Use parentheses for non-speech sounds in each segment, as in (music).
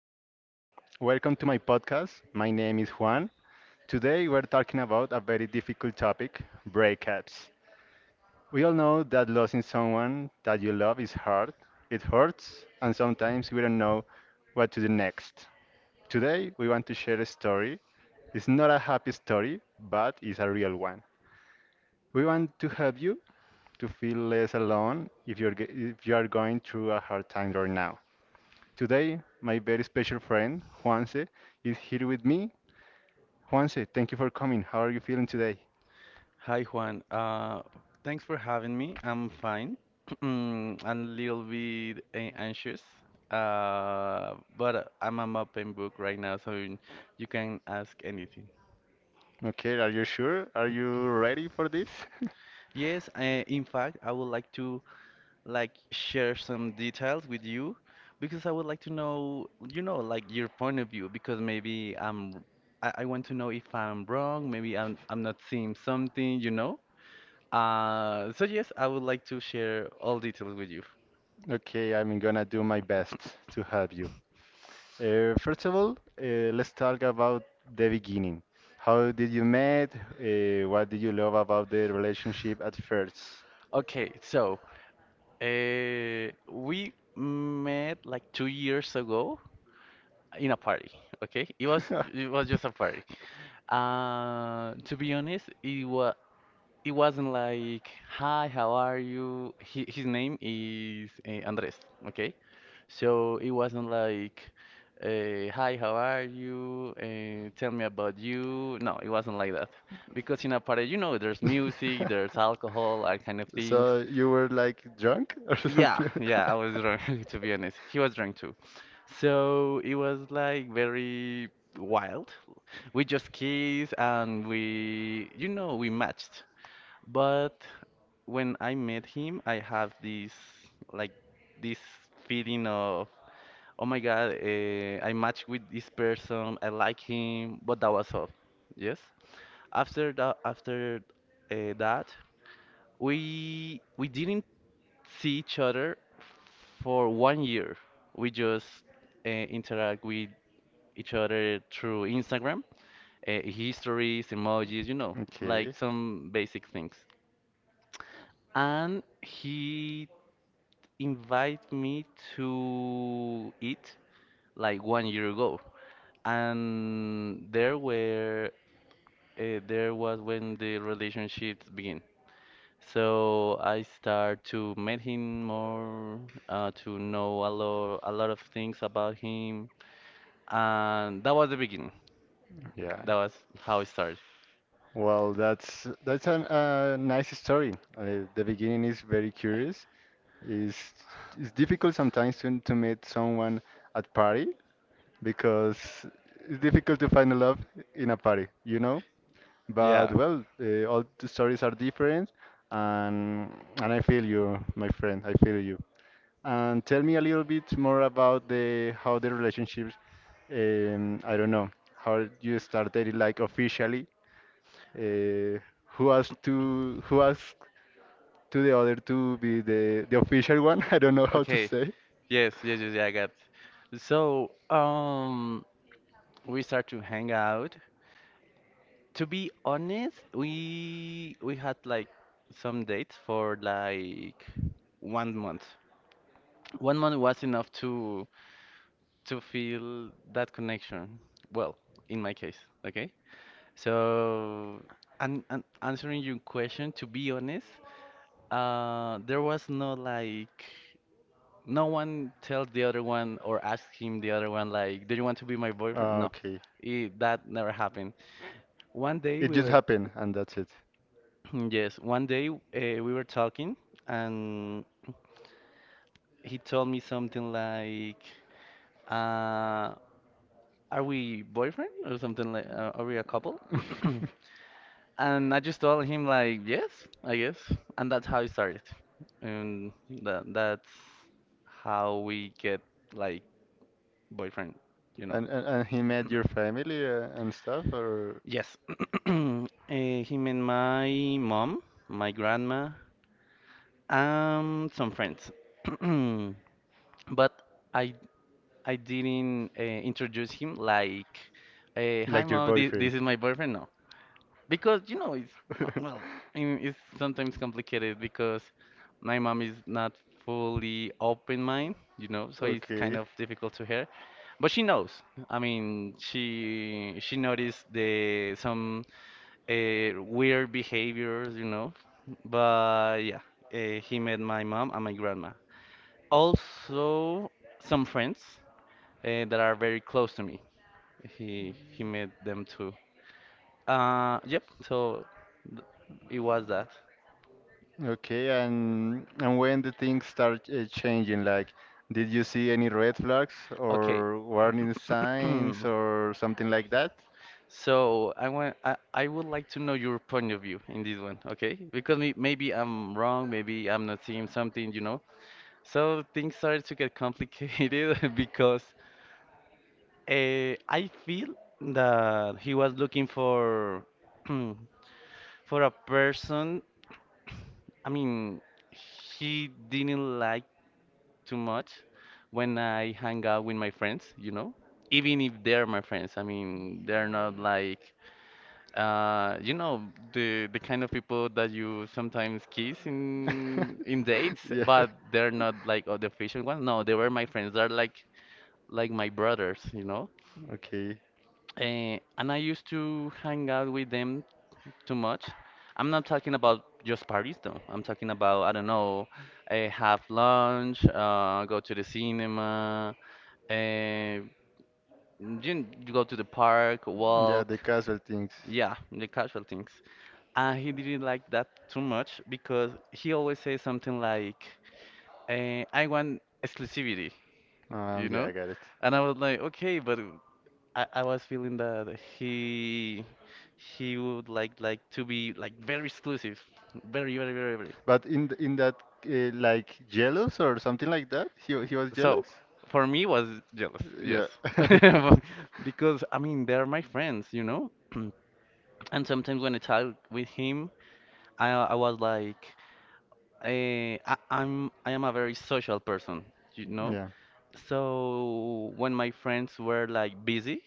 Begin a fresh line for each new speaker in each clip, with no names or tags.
everybody. Welcome to my podcast. My name is Juan. Today, we're talking about a very difficult topic, breakups. We all know that losing someone that you love is hard, it hurts, and sometimes we don't know what to do next. Today, we want to share a story. It's not a happy story, but it's a real one. We want to help you to feel less alone if, if you are going through a hard time right now. Today, my very special friend, Juanse, is here with me. Juanse, thank you for coming. How are you feeling today?
Hi Juan, thanks for having me. I'm fine. (clears throat) I'm a little bit anxious, but I'm an open book right now, so you can ask anything.
Okay, are you sure? Are you ready for this? (laughs)
Yes, in fact, I would like to share some details with you because I would like to know, you know, like your point of view because I want to know if I'm wrong, maybe I'm not seeing something, you know. So yes, I would like to share all details with you.
Okay, I'm gonna do my best to help you. First of all, let's talk about the beginning. How did you met? What did you love about the relationship at first?
Okay, so we met like 2 years ago in a party. Okay, it was
(laughs)
it was just a party. To be honest, it wasn't like hi, how are you? His name is Andres. Okay, so it wasn't like hi, how are you? Tell me about you. No, it wasn't like that because in a party, you know, there's music, there's
(laughs)
alcohol, all kind of things.
So you were like drunk or
Yeah,
yeah,
yeah, I was drunk (laughs) to be honest. He was drunk too. So it was like very wild. We just kissed and we, you know, we matched. But when I met him, I have this
it's
like this feeling of, oh my God, I match with this person, I like him, but that was all. Yes. After that, we didn't see each other for one year. We just interact with each other through Instagram, histories, emojis, you know, like
okay.
some basic things. And he invited me to eat like one year ago. And there was when the relationship began. So I start to meet him more, to know a lot of things about him, and that was the beginning.
Yeah.
That was how it started.
Well, that's a nice story. The beginning is very curious. It's it's difficult sometimes to meet someone at party, because it's difficult to find a love in a party, you know? But
Yeah.
well, all the stories are different, and and I feel you, my friend. I feel you. And tell me a little bit more about the how the relationships. I don't know how you started it, like officially. Uh, who asked to the other to be the official one? (laughs) I don't know how to
Okay.
say.
Yes, yes, yes, yeah, I got. So we start to hang out. To be honest, we had like some dates for like 1 month. 1 month was enough to feel that connection. Well, in my case, okay? So, and answering your question, to be honest, there was no like, no one tells the other one or asks him the other one like, do you want to be my boyfriend? No,
Okay.
that never happened. One day
It
we
just
were,
happened, and that's it. (laughs) Or
(clears throat) yes, one day we were talking and he told me something like, uh, are we boyfriend or something like are we a couple? (clears throat) And I just told him like yes, I guess, and that's how it started. And that's how we get like boyfriend, you
(laughs)
know.
and he met your family and stuff, or
Yes. (clears throat) Him and my mom, my grandma, and some friends. (clears throat) But I I didn't introduce him like, hi mom, this is my boyfriend. No, because you know it's uh, well I mean, it's sometimes complicated because my mom is not
(laughs) (laughs)
fully open mind, you know, so it's kind
okay.
of difficult to her, but she knows. I mean, she noticed the some weird behaviors, you know. But yeah, he met my mom and my grandma, also some friends that are very close to me. He met them too, yep. So th- it was that.
Okay, and when the things start changing, like, did you see any red flags
Okay.
or warning signs or
(clears throat)
something like that?
So I would like to know your point of view in this one, okay? Because maybe I'm wrong, maybe I'm not seeing something, you know. So things started to get complicated (laughs) because I feel that he was looking for (clears throat) for a person. (clears throat) I mean, he didn't like too much when I hang out with my friends, you know? Even if they're my friends, I mean, they're not like you know the kind of people that you sometimes kiss in
(laughs)
dates,
Yeah.
but they're not like oh, the official ones. No, they were my friends. They're like my brothers, you know?
Okay.
And I used to hang out with them too much. I'm not talking about just parties though. I'm talking about, I don't know, I have lunch, go to the cinema, uh, you go to the park,
Yeah,
walk.
the casual things.
Yeah, the casual things. And he didn't like that too much because he always says something like, I want exclusivity, you
Yeah,
know?
I got it.
And I was like, okay, but I was feeling that he would like to be like very exclusive. Very, very, very, very.
But in in that like jealous or something like that, he was
So
jealous.
for me was jealous, yes.
Yeah, (laughs)
(laughs) Because I mean they're my friends, you know? (clears throat) And sometimes when I talk with him, I was like, I am a very social person, you know.
yeah.
So when my friends were like busy,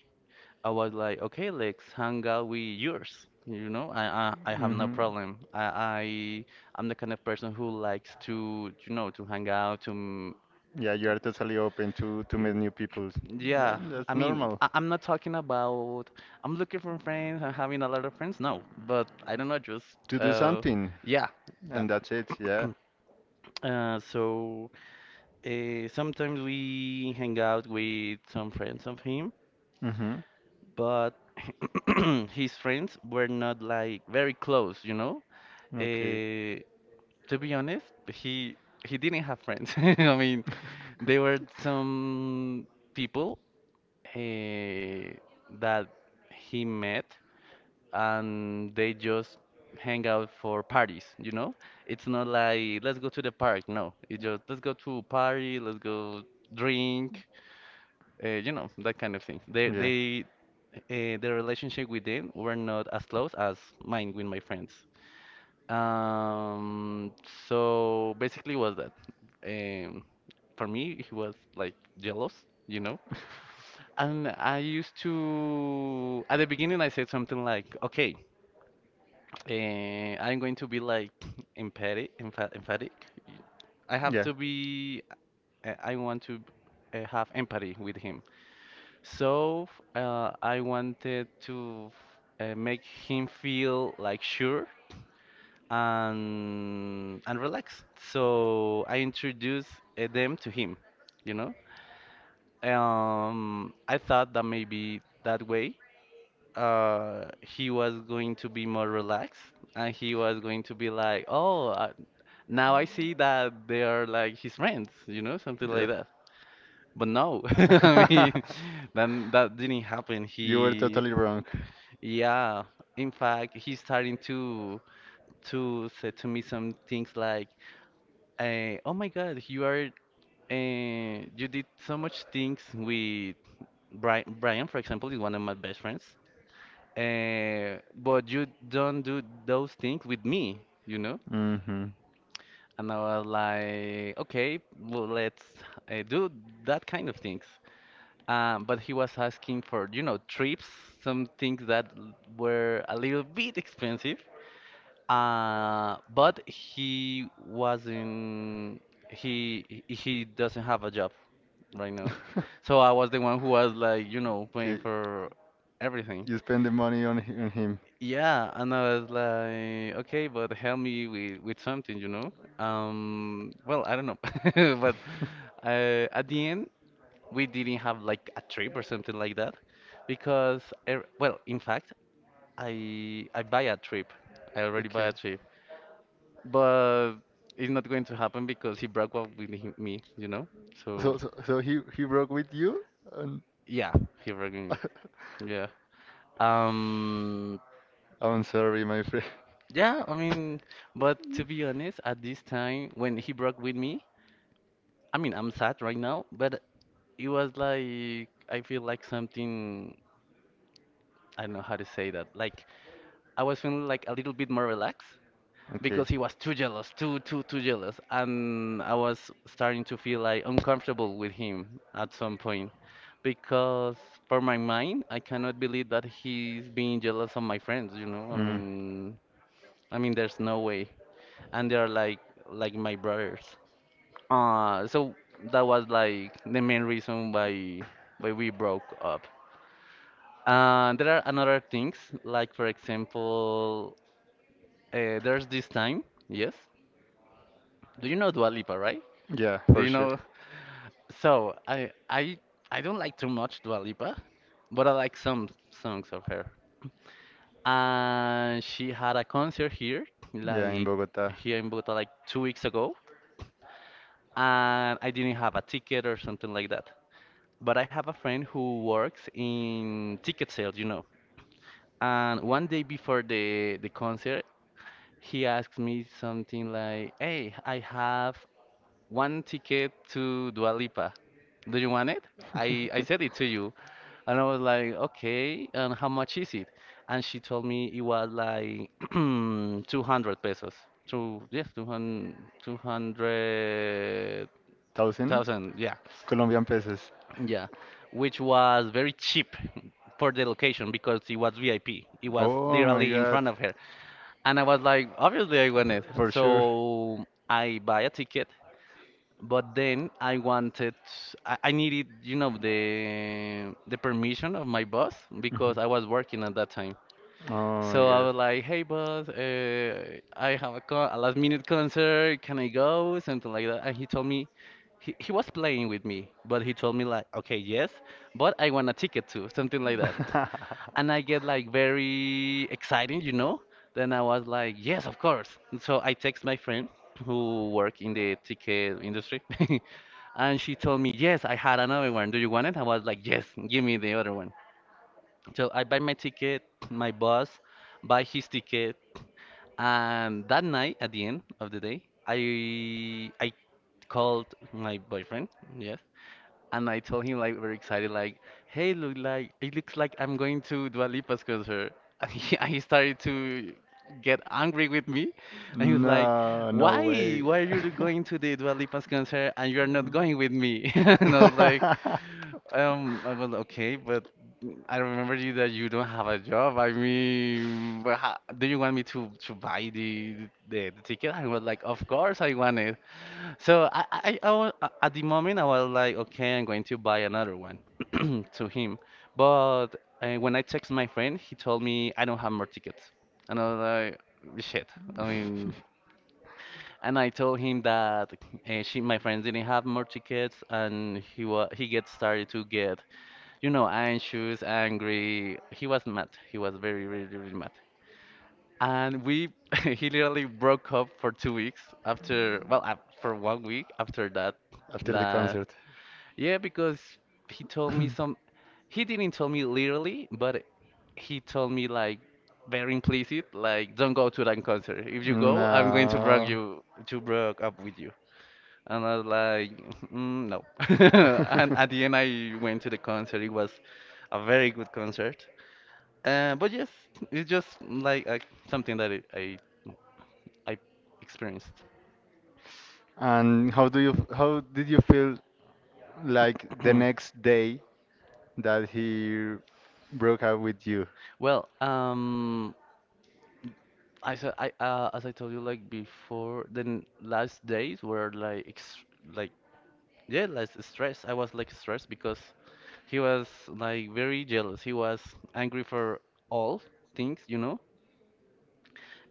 I was like, okay, let's hang out with yours. You know, I have no
Hmm.
problem. I I'm the kind of person who likes to, you know, to hang out to.
Yeah, you are totally open to meet
you-
new people. Yeah,
Yeah,
and that's
I mean,
normal.
I'm not talking about I'm looking for friends. I'm having a lot of friends. No, but I don't know, just
To do something,
yeah, that.
and that's it. Yeah.
(clears throat) So sometimes we hang out with some friends of him,
Hmm.
but (clears throat) his friends were not like very close, you know.
Okay.
Uh, to be honest, he he didn't have friends. (laughs) I mean, there were some people uh, that he met, and they just hang out for parties, you know. It's not like let's go to the park. No, it's just let's go to a party, let's go drink, you know, that kind of thing.
(laughs)
They the relationship with them were not as close as mine with my friends. Um, so basically was that. Um, for me, he was like jealous, you know. And I used to, at the beginning, I said something like, okay, I'm going to be like emphatic, emphatic. I
Yeah.
have
Yeah.
to be, I want to have empathy with him. So I wanted to make him feel like sure and relaxed. So I introduced them to him, you know. I thought that maybe that way he was going to be more relaxed and he was going to be like, oh, now I see that they are like his friends, you know, something
Yeah.
like that. But no, (laughs) I mean,
(laughs)
then that didn't happen.
You were
He.
totally wrong.
Yeah, in fact, he's starting to say to me some things like, "Oh my God, you are you did so much things with Brian. Brian, for example, is one of my best friends. But you don't do those things with me, you know?"
Hmm.
And I was like, "Okay, well, let's do that kind of things." But he was asking for, you know, trips, some things that were a little bit expensive. But he wasn't He doesn't have a job right now. So
(laughs)
I was the one who was like, you know, paying
Okay,
for everything.
you spend the money on on him.
Yeah, and I was like, okay, but help me with something, you know? Well, I don't know. (laughs) But
(laughs)
at the end, we didn't have like a trip or something like that because well, in fact, I buy a trip. I already buy
Okay.
a trip. But it's not going to happen because he broke up with me, you know? So
So, he broke with you? And
yeah, he broke with me. Yeah.
(laughs)
Um
I'm sorry, my friend. (laughs)
yeah, I mean, but to be honest, at this time when he broke with me, I mean, I'm sad right now, but it was like I feel like something, I don't know how to say that. Like I was feeling like a little bit more relaxed
Okay.
because he was too jealous, too jealous, and I was starting to feel like uncomfortable with him at some point because for my mind I cannot believe that he's being jealous of my friends, you know?
Mm,
I mean there's no way. And they are like my brothers. So that was like the main reason why we broke up. There are another things, like for example, there's this time, yes. Do you know Dua Lipa, right?
yeah,
Do
for
you
sure.
know? So I don't like too much Dua Lipa, but I like some songs of her. And she had a concert here,
Yeah, in
like
Bogota.
here in Bogota, like 2 weeks ago. And I didn't have a ticket or something like that. But I have a friend who works in ticket sales, you know. And one day before the concert, he asked me something like, "Hey, I have one ticket to Dua Lipa. Do you want it? I said it to you."
(laughs)
And I was like, okay, and how much is it? And she told me it was like (clears throat) 200 pesos. Two, yes, 200,
Thousand
200,000, yeah.
Colombian pesos.
Yeah, which was very cheap (laughs) for the location because it was VIP. It was
Oh my
literally in
God.
front of her. And I was like, obviously I want it.
For sure.
So I buy a ticket but then I needed, you know, the permission of my boss because I was working at that time.
Mhm.
So I was
Oh
like, "Hey boss, I have a, con a last minute concert. Can I go?" Something like that. And he was playing with me, but he told me like, "Okay, yes, but I want a ticket too." Something like that, and I get like
(laughs)
very excited, you know. Then I was like, yes, of course. And so I text my friend who work in the ticket industry, (laughs) and she told me, yes, I had another one. Do you want it? I was like, yes, give me the other one. So I buy my ticket. My boss buy his ticket, and that night at the end of the day, I called my boyfriend, yes, and I told him like very excited, like, "Hey, look like it looks like I'm going to Dua Lipa's concert." (laughs) And he started to get angry with me,
was like,
and he was like,
no, why?
"Why?
Way.
Why are you
(laughs)
going to the Dua Lipa's concert and you are not going with me?" (laughs) And
(laughs)
I was like, okay, but I remember you that you don't have a job. I mean, do you want me to buy the the, ticket?" I was like, "Of course I want it." So I was, at the moment I was like, okay, I'm going to buy another one (clears throat) to him. But when I text my friend, he told me I don't have more tickets, and I was like, shit. I mean,
(laughs)
and I told him that she, my friend, didn't have more tickets, and he gets started to get, you know, anxious, angry. He was mad. He was very, very, very mad and we (laughs) he literally broke up for 2 weeks after, for 1 week after that
After the
that
concert.
yeah, because he told me some he didn't tell me literally, but he told me like very implicit, like, don't go to that concert, if you go I'm going to
No. (laughs)
break up with you. And I was like, mm, no. (laughs) And at the end I went to the concert. It was a very good concert, but yes, it's just like something that I experienced.
And how do how did you feel like the next
(clears throat)
day that he broke up with you?
Well, I said I as I told you like before, then last days were like ex like yeah, less stress. I was like stressed because he was like very jealous. He was angry for all things, you know.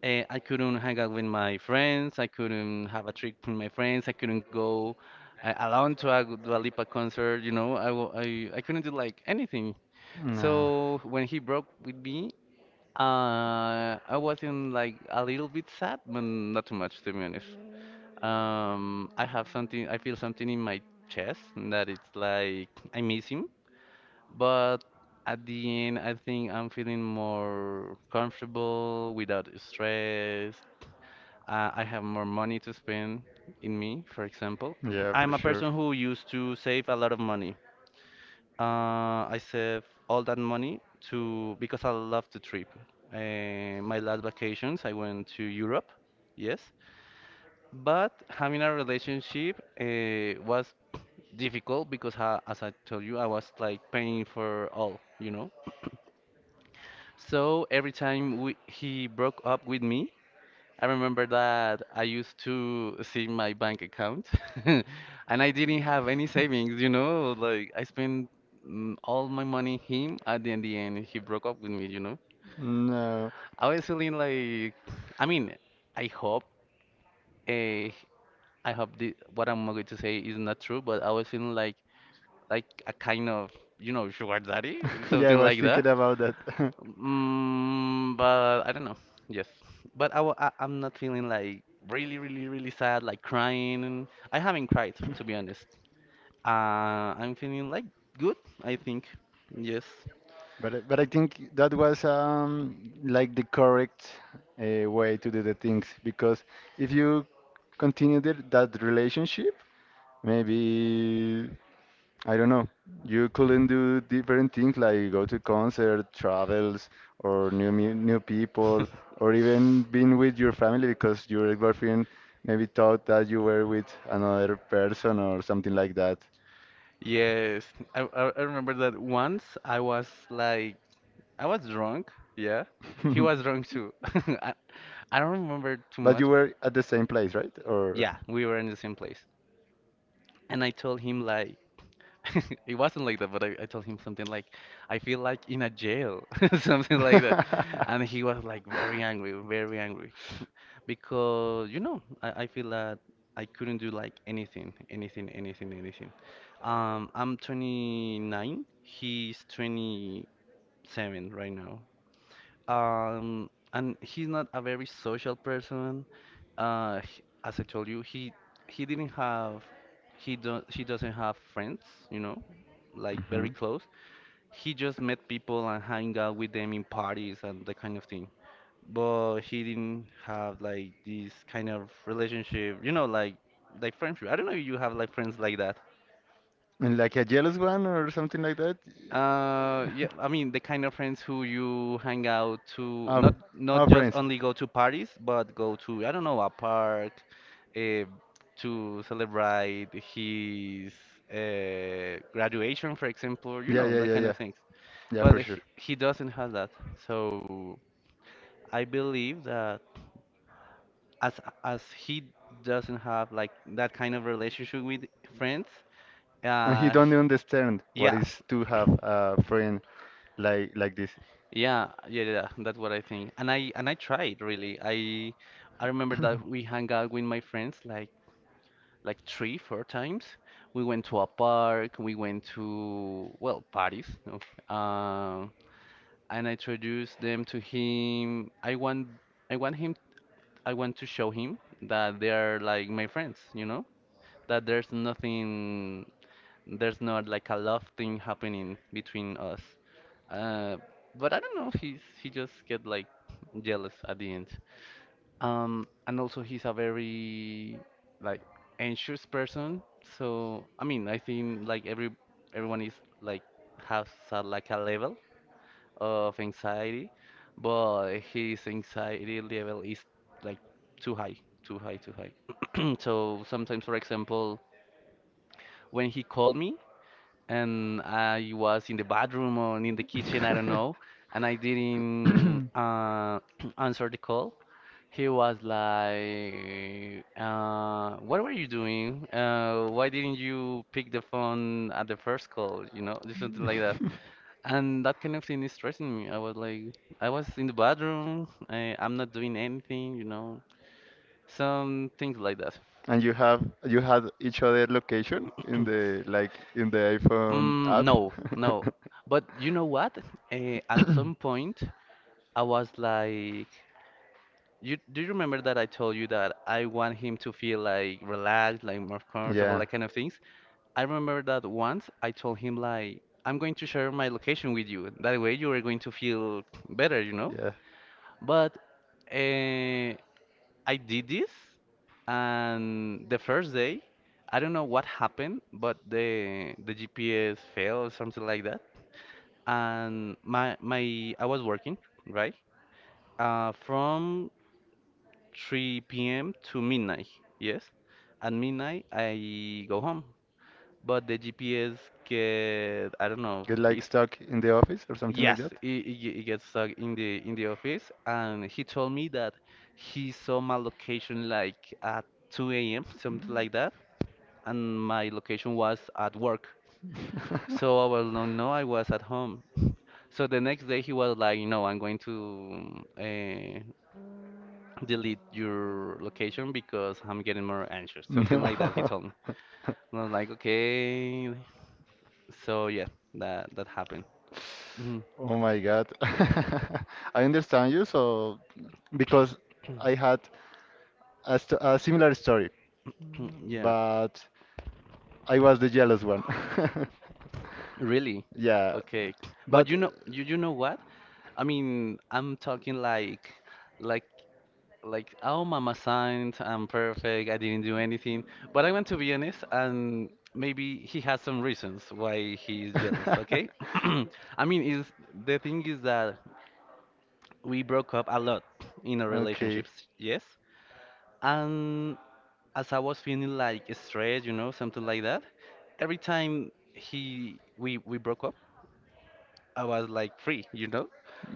I couldn't hang out with my friends. I couldn't have a trip with my friends. I couldn't go alone to a Dua Lipa concert, you know. I, wa- I couldn't do like anything.
No.
So when he broke with me, I was in like a little bit sad, but not too much to be honest. I have something, I feel something in my chest that it's like I miss him, but at the end, I think I'm feeling more comfortable without stress. I have more money to spend in me, for example.
Yeah, for I'm
I'm a
sure.
person who used to save a lot of money. I save all that money to because I love to trip. My last vacations, I went to Europe, yes. But having a relationship was difficult because, I, as I told you, I was like paying for all, you know. So every time he broke up with me, I remember that I used to see my bank account (laughs) and I didn't have any savings, you know, like I spent mm, all my money him at the, in the end he broke up with me, you know.
No.
I was feeling like, I mean, I hope uh, I hope the, what I'm going to say is not true, but I was feeling like a
(laughs)
kind of, you know, sugar daddy,
Of study yeah, I
something
was like that,
like that.
thinking about that. (laughs)
Mm, but I don't know. Yes, but I, wa- I I'm not feeling like really really really sad like crying. I haven't cried to be honest. I'm feeling like good, I think. Yes. (laughs)
But but I think that was like the correct way to do the things because if you continue that relationship, maybe I don't know. You couldn't do different things like go to concert, travels, or new people, or even being with your family because your girlfriend maybe thought that you were with another person or something like that.
Yes, I remember that once I was like I was drunk. Yeah, he
(laughs)
was drunk too. (laughs) I, I don't remember too
But
much.
you were at the same place, right? Or
Yeah, we were in the same place, and I told him like (laughs) it wasn't like that, but I told him something like, I feel like in a jail, (laughs) something like that.
(laughs)
And he was like very angry, very angry. Because, you know, I feel that I couldn't do like anything, anything, anything, anything. I'm 29, he's 27 right now. And he's not a very social person. As I told you, he didn't have he don't she doesn't have friends, you know, like
Mhm.
very close. He just met people and hang out with them in parties and that kind of thing. But he didn't have like this kind of relationship, you know, like friendship. I don't know if you have like friends like that.
And like a jealous one or something like that?
Yeah, I mean the kind of friends who you hang out to, not
Of, of
just
friends.
only go to parties, but go to, I don't know, a park, uh, to celebrate his graduation, for example, you
Yeah,
know,
yeah,
that
yeah,
kind
yeah.
of things.
Yeah,
But
for sure.
he doesn't have that. So I believe that as as he doesn't have like that kind of relationship with friends,
And he
uh,
don't
he-
understand what
yeah,
is to have a friend like this.
yeah, yeah, yeah, that's what I think. And I tried really. I remember that we hung out with my friends like three, four times. We went to a park, we went to well, parties, no? Um, and I introduced them to him. I want him I want to show him that they are like my friends, you know? That there's not like a love thing happening between us. Uh, but I don't know. He just get like jealous at the end. And also he's a very like anxious person. So I mean, I think like everyone is like has a, like a level of anxiety, but his anxiety level is like too high, too high, too high. (clears throat) So sometimes, for example, when he called me and I was in the bathroom or in the kitchen, I don't know, and I didn't (clears throat) answer the call. He
(laughs)
was like, "What were you doing? Why didn't you pick the phone at the first call? You know, just something like that."
(coughs)
And that kind of thing is stressing me. I was like, I was in the bathroom. I'm not doing anything. You know, some things like that.
And you have you had each other location in the like
(coughs)
in the iPhone
Mm,
app.
no, no. But you know what? At some
(laughs)
point, I was like, you do you remember that I told you that I want him to feel like relaxed, like more comfortable,
Yeah.
like kind of things? I remember that once I told him like, I'm going to share my location with you. That way you are going to feel better, you know?
Yeah.
But uh, I did this, and the first day, I don't know what happened, but the GPS failed or something like that. And my I was working, right? From 3 p.m. to midnight. Yes. At midnight, I go home, but the GPS get I don't know.
Get
(laughs)
like
It
stuck in the office or something like
Yes,
that.
he gets stuck in the office, and he told me that he saw my location like at 2 a.m., (laughs)
(laughs)
something like that, and my location was at work.
I
So I was no, no, I was at home. (laughs) So the next day he was like, no, I'm going to delete your location because I'm getting more anxious, something
no.
like that, he told me. And I was like, okay. So yeah, that that happened. Mhm.
Oh my God. (laughs) I understand you, so because I had a, st a similar story,
(clears throat)
yeah,
Yeah,
but I was the jealous one. (laughs)
really.
Yeah. Okay.
Okay, but
But
you
you
know, you know what? I mean, I'm talking like, like, oh, Mama signed,
am
I'm perfect, I didn't do anything. But I want to be honest, and maybe he has some reasons why he's jealous. Okay,
(laughs)
(clears throat) I mean, is the thing is that we broke up a lot in our relationships, yes. And as I was feeling like stressed, you know, something like that, every time he we broke up, I was like free, you know.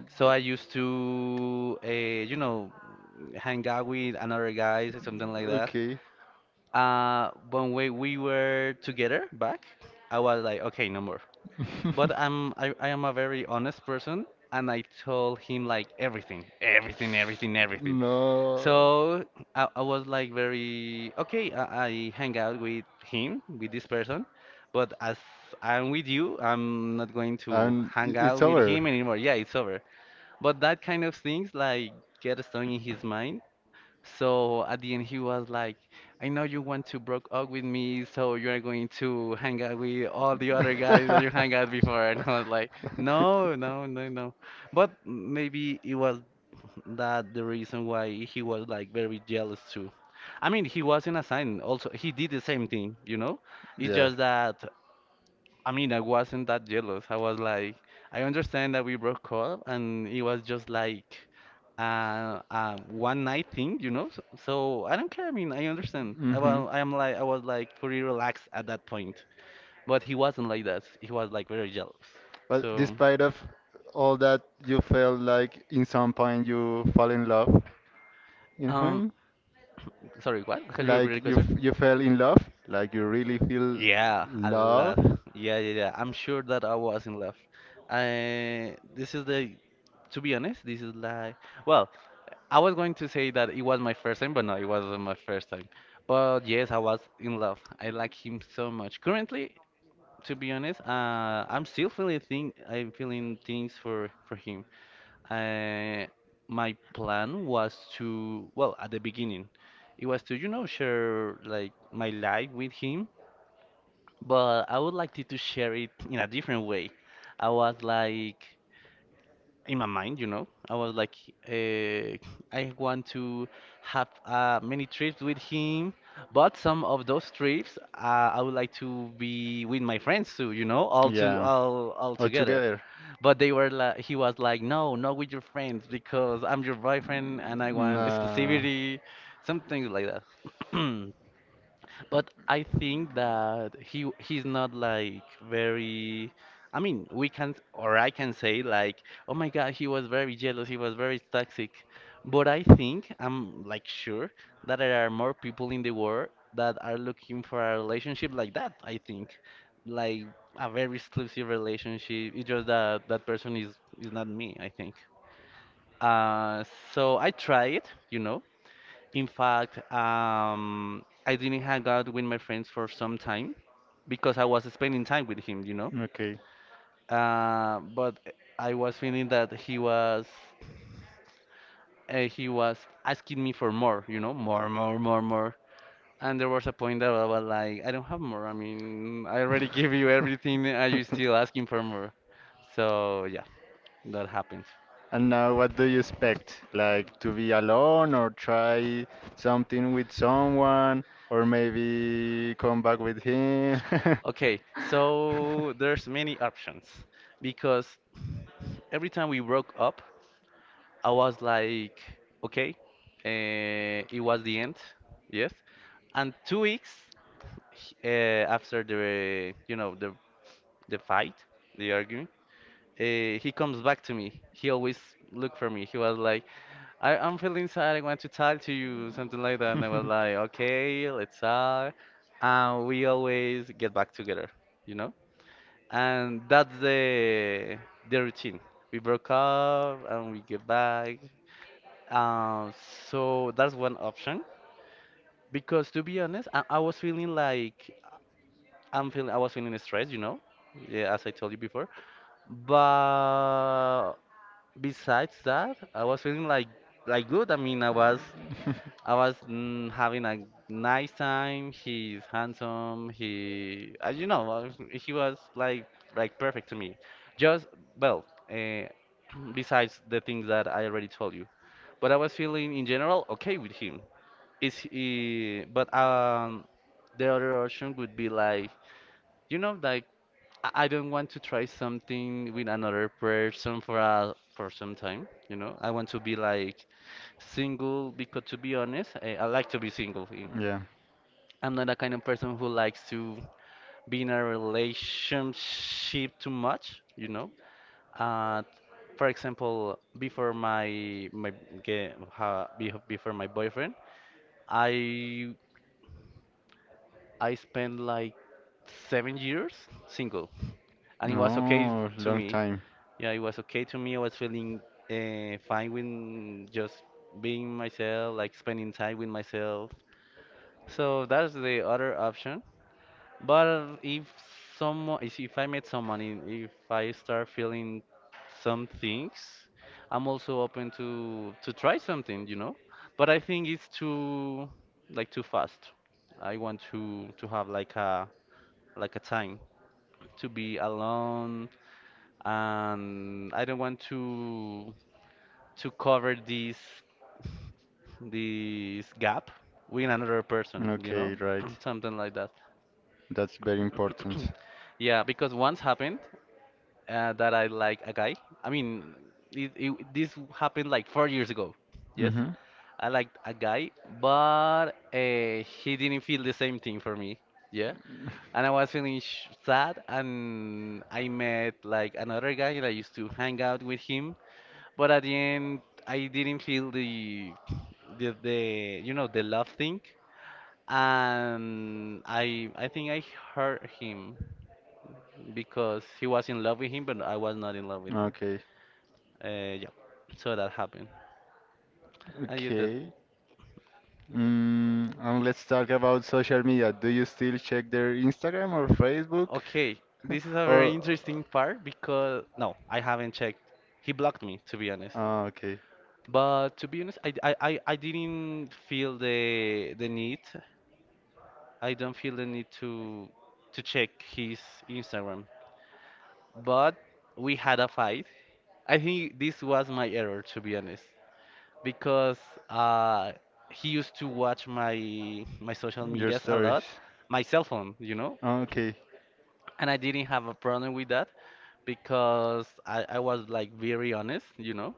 So I used to, you know, hang out with another guys or something like that.
okay. (laughs)
When we were together back, I was like, okay, no more. But I am a very honest person, and I told him like everything, everything, everything, everything.
No.
So I was like very okay. I hang out with him, with this person, but as I'm with you, I'm not going to
And
hang out
it's
with
over.
him anymore. Yeah, it's over. But that kind of things like get stuck in his mind. So at the end he was like, I know you want to broke up with me, so you're going to hang out with all the other guys that you hang
(laughs)
out before. (laughs) And I was like, no, no, no, no. But maybe it was that the reason why he was like very jealous too. I mean, he wasn't a sign. Also, he did the same thing, you know? It's
Yeah.
just that, I mean, I wasn't that jealous. I was like, I understand that we broke up, and it was just like, one night thing, So I don't care. I mean, I understand. I
Hmm.
well, I was like pretty relaxed at that point, but he wasn't like that. He was like very jealous.
But
So,
despite of all that, you felt like in some point you fall in love in
um,
him,
sorry, what? Could you repeat
like
the question?
you fell in love, like you really feel
Yeah, a
love.
lot. Yeah, yeah, yeah. I'm sure that I was in love. I this is the, to be honest, this is like well, I was going to say that it was my first time, but no, it wasn't my first time. But yes, I was in love. I like him so much. Currently, to be honest, I'm still feeling thing. I'm feeling things for him. Uh, my plan was to, well, at the beginning, it was to, share like my life with him. But I would like to share it in a different way. I was like in my mind, you know, I was like, uh, I want to have many trips with him, but some of those trips, I would like to be with my friends too, you know, all to all all
All
together.
together, together.
But he was like, no, not with your friends because I'm your boyfriend and I want
Nah.
exclusivity, something like that. (clears throat) But I think that he's not like very. I mean, we can or I can say like, oh my God, he was very jealous. He was very toxic. But I think I'm like sure that there are more people in the world that are looking for a relationship like that. I think, like a very exclusive relationship. It's just that that person is not me. I think. Uh, so I try it, you know. In fact, I didn't hang out with my friends for some time because I was spending time with him, you know.
Know, okay.
But I was feeling that he was uh, he was asking me for more, you know, more, more, more, more. And there was a point that I was like, I don't have more. I mean, I already (laughs) gave you everything. Are you still asking
(laughs)
for more? So yeah, that happens.
And now, what do you expect? Like to be alone or try something with someone or maybe come back with him?
Okay, so there's many options because every time we broke up, I was like, okay, it was the end, yes. And 2 weeks after the, the
(laughs) (laughs)
the fight, the argument, he comes back to me. He always looked for me. He was like, I'm feeling sad. I want to talk to you, something like that. And I was like, okay, let's talk. And we always get back together, you know. And that's the routine. We broke up and we get back uh, so that's one option. Because to be honest, I was feeling like I was feeling stressed, you know, yeah, as I told you before. But besides that, I was feeling like good. I mean, I was having a nice time. He's handsome. He, you know, he was like perfect to me. Just well, uh, (clears throat) besides the things that I already told you. But I was feeling in general okay with him. Is he, but the other option would be like, you know, like I don't want to try something with another person for a for some time. You know, I want to be like single because to be honest, I like to be single. Eh.
Yeah.
I'm not a kind of person who likes to be in a relationship too much. You know, uh, for example, before my my ge- ha- be- before my boyfriend, I I spent like 7 years single, and it was okay
Oh,
to
long
me.
time.
Yeah, it was okay to me. I was feeling fine with just being myself, like spending time with myself. So that's the other option. But if if I made someone, and if I start feeling some things, I'm also open to try something, you know. But I think it's too like too fast. I want to have like a time to be alone and I don't want to cover this gap with another person, you know?
Okay, right.
(clears throat) Something like that.
That's very
(clears throat)
important.
Yeah, because once happened that I like a guy. I mean, this happened like 4 years ago. Yes,
Mm-hmm.
I liked a guy, but he didn't feel the same thing for me. Yeah, and I was feeling sad, and I met like another guy, and I used to hang out with him. But at the end, I didn't feel the you know the love thing, and I think I hurt him because he was in love with him, but I was not in love with him.
Okay.
Yeah, so that happened. And you did.
Okay. Mm, and let's talk about social media. Do you still check their Instagram or Facebook?
Okay, this is
(laughs)
a
Or
very interesting part because no, I haven't checked. He blocked me, to be honest.
ah, okay.
But to be honest, I didn't feel the need. I don't feel the need to check his Instagram. But we had a fight. I think this was my error, to be honest. Because uh, he used to watch my social
Your
medias a
stories.
lot, my cell phone, you know,
Oh, okay.
and I didn't have a problem with that because I was like very honest, you know,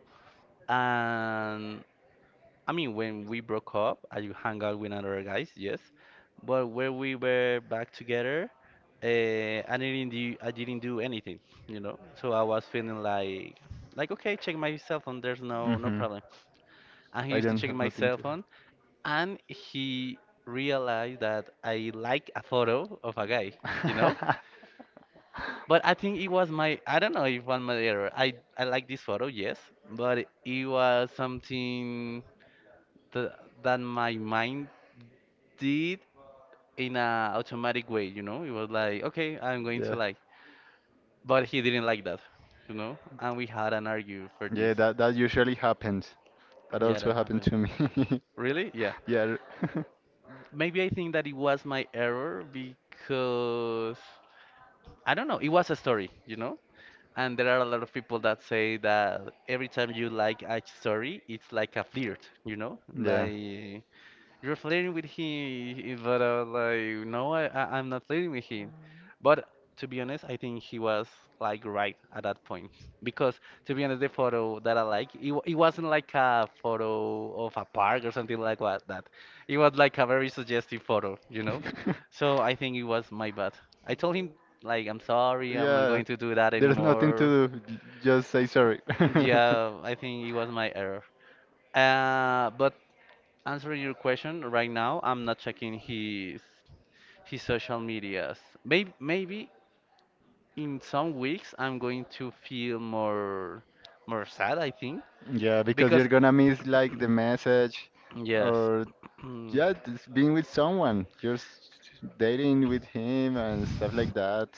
and I mean when we broke up, I hung out with other guys, yes, but when we were back together, I didn't do anything, you know, so I was feeling like okay, check my cell phone, there's no
Mhm.
problem, and he
I
used to
don't
check
have
my
nothing
cell
to hide.
phone and he realized that I like a photo of a guy, you know?
(laughs)
But I think it was my, I don't know if one my error. I like this photo, yes, but it was something that, that my mind did in a automatic way, you know? It was like, okay, I'm going to
Yeah.
like, but he didn't like that, you know? And we had an argue for this.
Yeah, that that usually happens. That
Yeah,
also
that
happened
happened.
to me.
Really? Yeah.
(laughs) Yeah. R-
Maybe I think that it was my error because I don't know. It was a story, you know? And there are a lot of people that say that every time you like a story, it's like a flirt, you know?
(laughs) Yeah.
Like you're flirting with him, but I was like, no, I'm not flirting with him.
(laughs)
But to be honest, I think he was like right at that point because to be honest, the photo that I like, it wasn't like a photo of a park or something like what that. It was like a very suggestive photo, you know. So I think it was my bad. I told him like, I'm sorry, I'm not
Yeah,
going to do that
there's nothing
anymore.
to do. Just say sorry. (laughs)
Yeah, I think it was my error. But answering your question right now, I'm not checking his social medias. Maybe in some weeks I'm going to feel more sad, I think,
Yeah, because
because
you're gonna miss like the message
(clears throat) yes.
or
(clears throat)
yeah, just being with someone, just dating with him and stuff like that.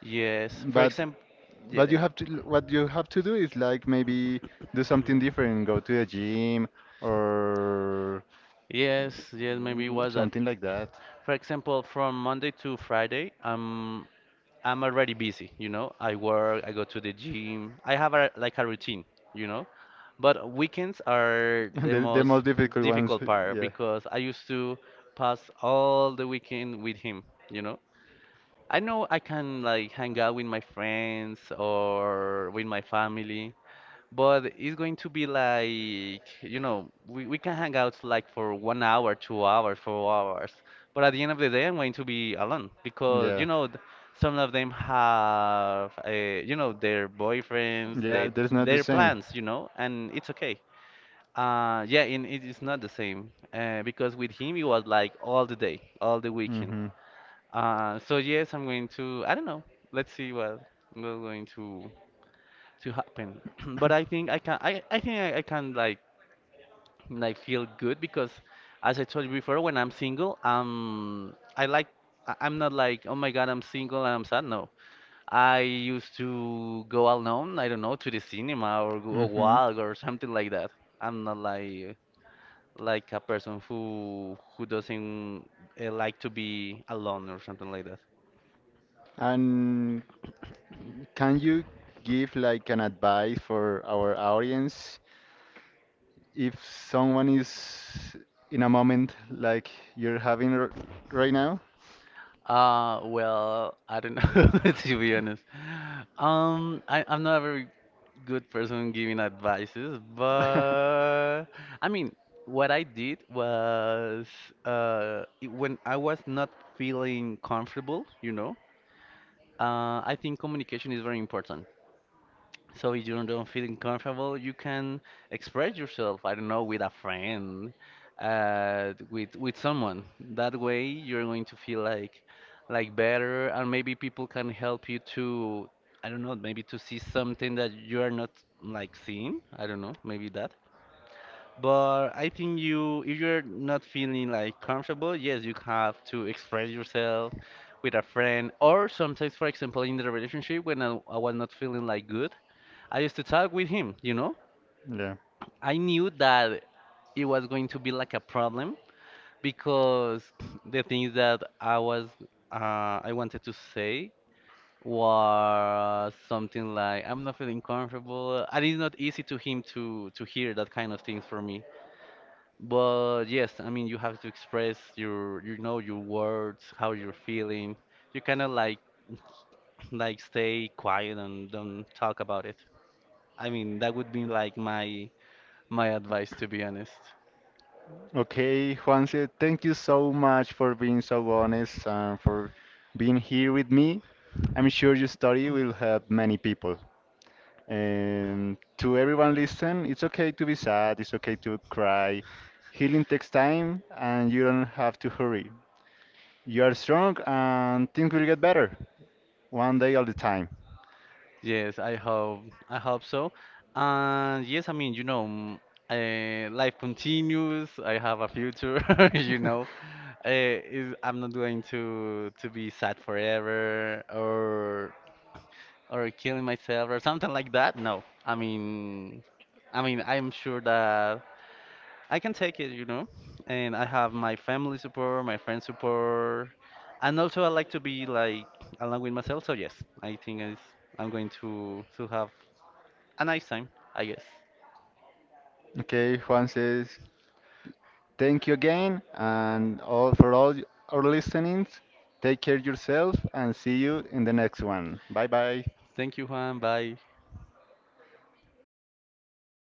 Yes. For
But
example,
but
yeah.
you have to what you have to do is like maybe
(clears throat)
do something different, go to the gym or
Yes, yes, maybe it was that.
something like that.
For example, from Monday to Friday, I'm already busy, you know. I work, I go to the gym. I have a, like a routine, you know. But weekends are
(laughs)
the
The
most
most difficult ones,
difficult part
yeah.
because I used to pass all the weekend with him, you know. I know I can like hang out with my friends or with my family, but it's going to be like, you know, we can hang out like for 1 hour, 2 hours, 4 hours. But at the end of the day, I'm going to be alone because, you
Yeah.
know, some of them have, you know, their boyfriends,
Yeah,
they,
there's not the
their
same.
plans, you know, and it's okay. Yeah, it is not the same because with him, it was like all the day, all the weekend.
Mm-hmm.
So yes, I'm going to, I don't know. Let's see what we're going to happen. (clears throat) But I think I can I think I can like feel good because as I told you before, when I'm single, I like I'm not like, oh my God, I'm single and I'm sad. No, I used to go alone. I don't know to the cinema or go a
Mm-hmm.
walk or something like that. I'm not like like a person who doesn't like to be alone or something like that.
And can you give like an advice for our audience if someone is in a moment like you're having right now?
Well, I don't know (laughs) to be honest. I,
(laughs)
I'm not a very good person giving advices,
(laughs)
but I mean, what I did was when I was not feeling comfortable, you know, I think communication is very important. So if you don't feel comfortable, you can express yourself. I don't know, with a friend, with someone. That way, you're going to feel like better, and maybe people can help you to, I don't know, maybe to see something that you are not like seeing. I don't know, maybe that. But I think you, if you're not feeling like comfortable, yes, you have to express yourself with a friend, or sometimes, for example, in the relationship when I was not feeling like good. I used to talk with him, you know?
Yeah.
I knew that it was going to be like a problem because the things that I was I wanted to say was something like I'm not feeling comfortable. And it's not easy to him to hear that kind of things from me. But yes, I mean you have to express you know your words, how you're feeling. You kind of like stay quiet and don't talk about it. I mean that would be like my advice to be honest.
Okay, Juanse, thank you so much for being so honest and for being here with me. I'm sure your story will help many people. And to everyone listen, it's okay to be sad, it's okay to cry. Healing takes time and you don't have to hurry. You are strong and things will get better one day at a time.
Yes, I hope so. And yes, I mean, you know, life continues. I have a future, (laughs) you
(laughs)
know. Eh, is I'm not going to be sad forever or killing myself or something like that. No, I mean, I'm sure that I can take it, you know. And I have my family support, my friend support, and also I like to be like along with myself. So yes, I think is I'm going to have a nice time, I guess.
Okay, Juan says, thank you again and all for all our listenings. Take care yourself and see you in the next one. Bye bye.
Thank you, Juan. Bye.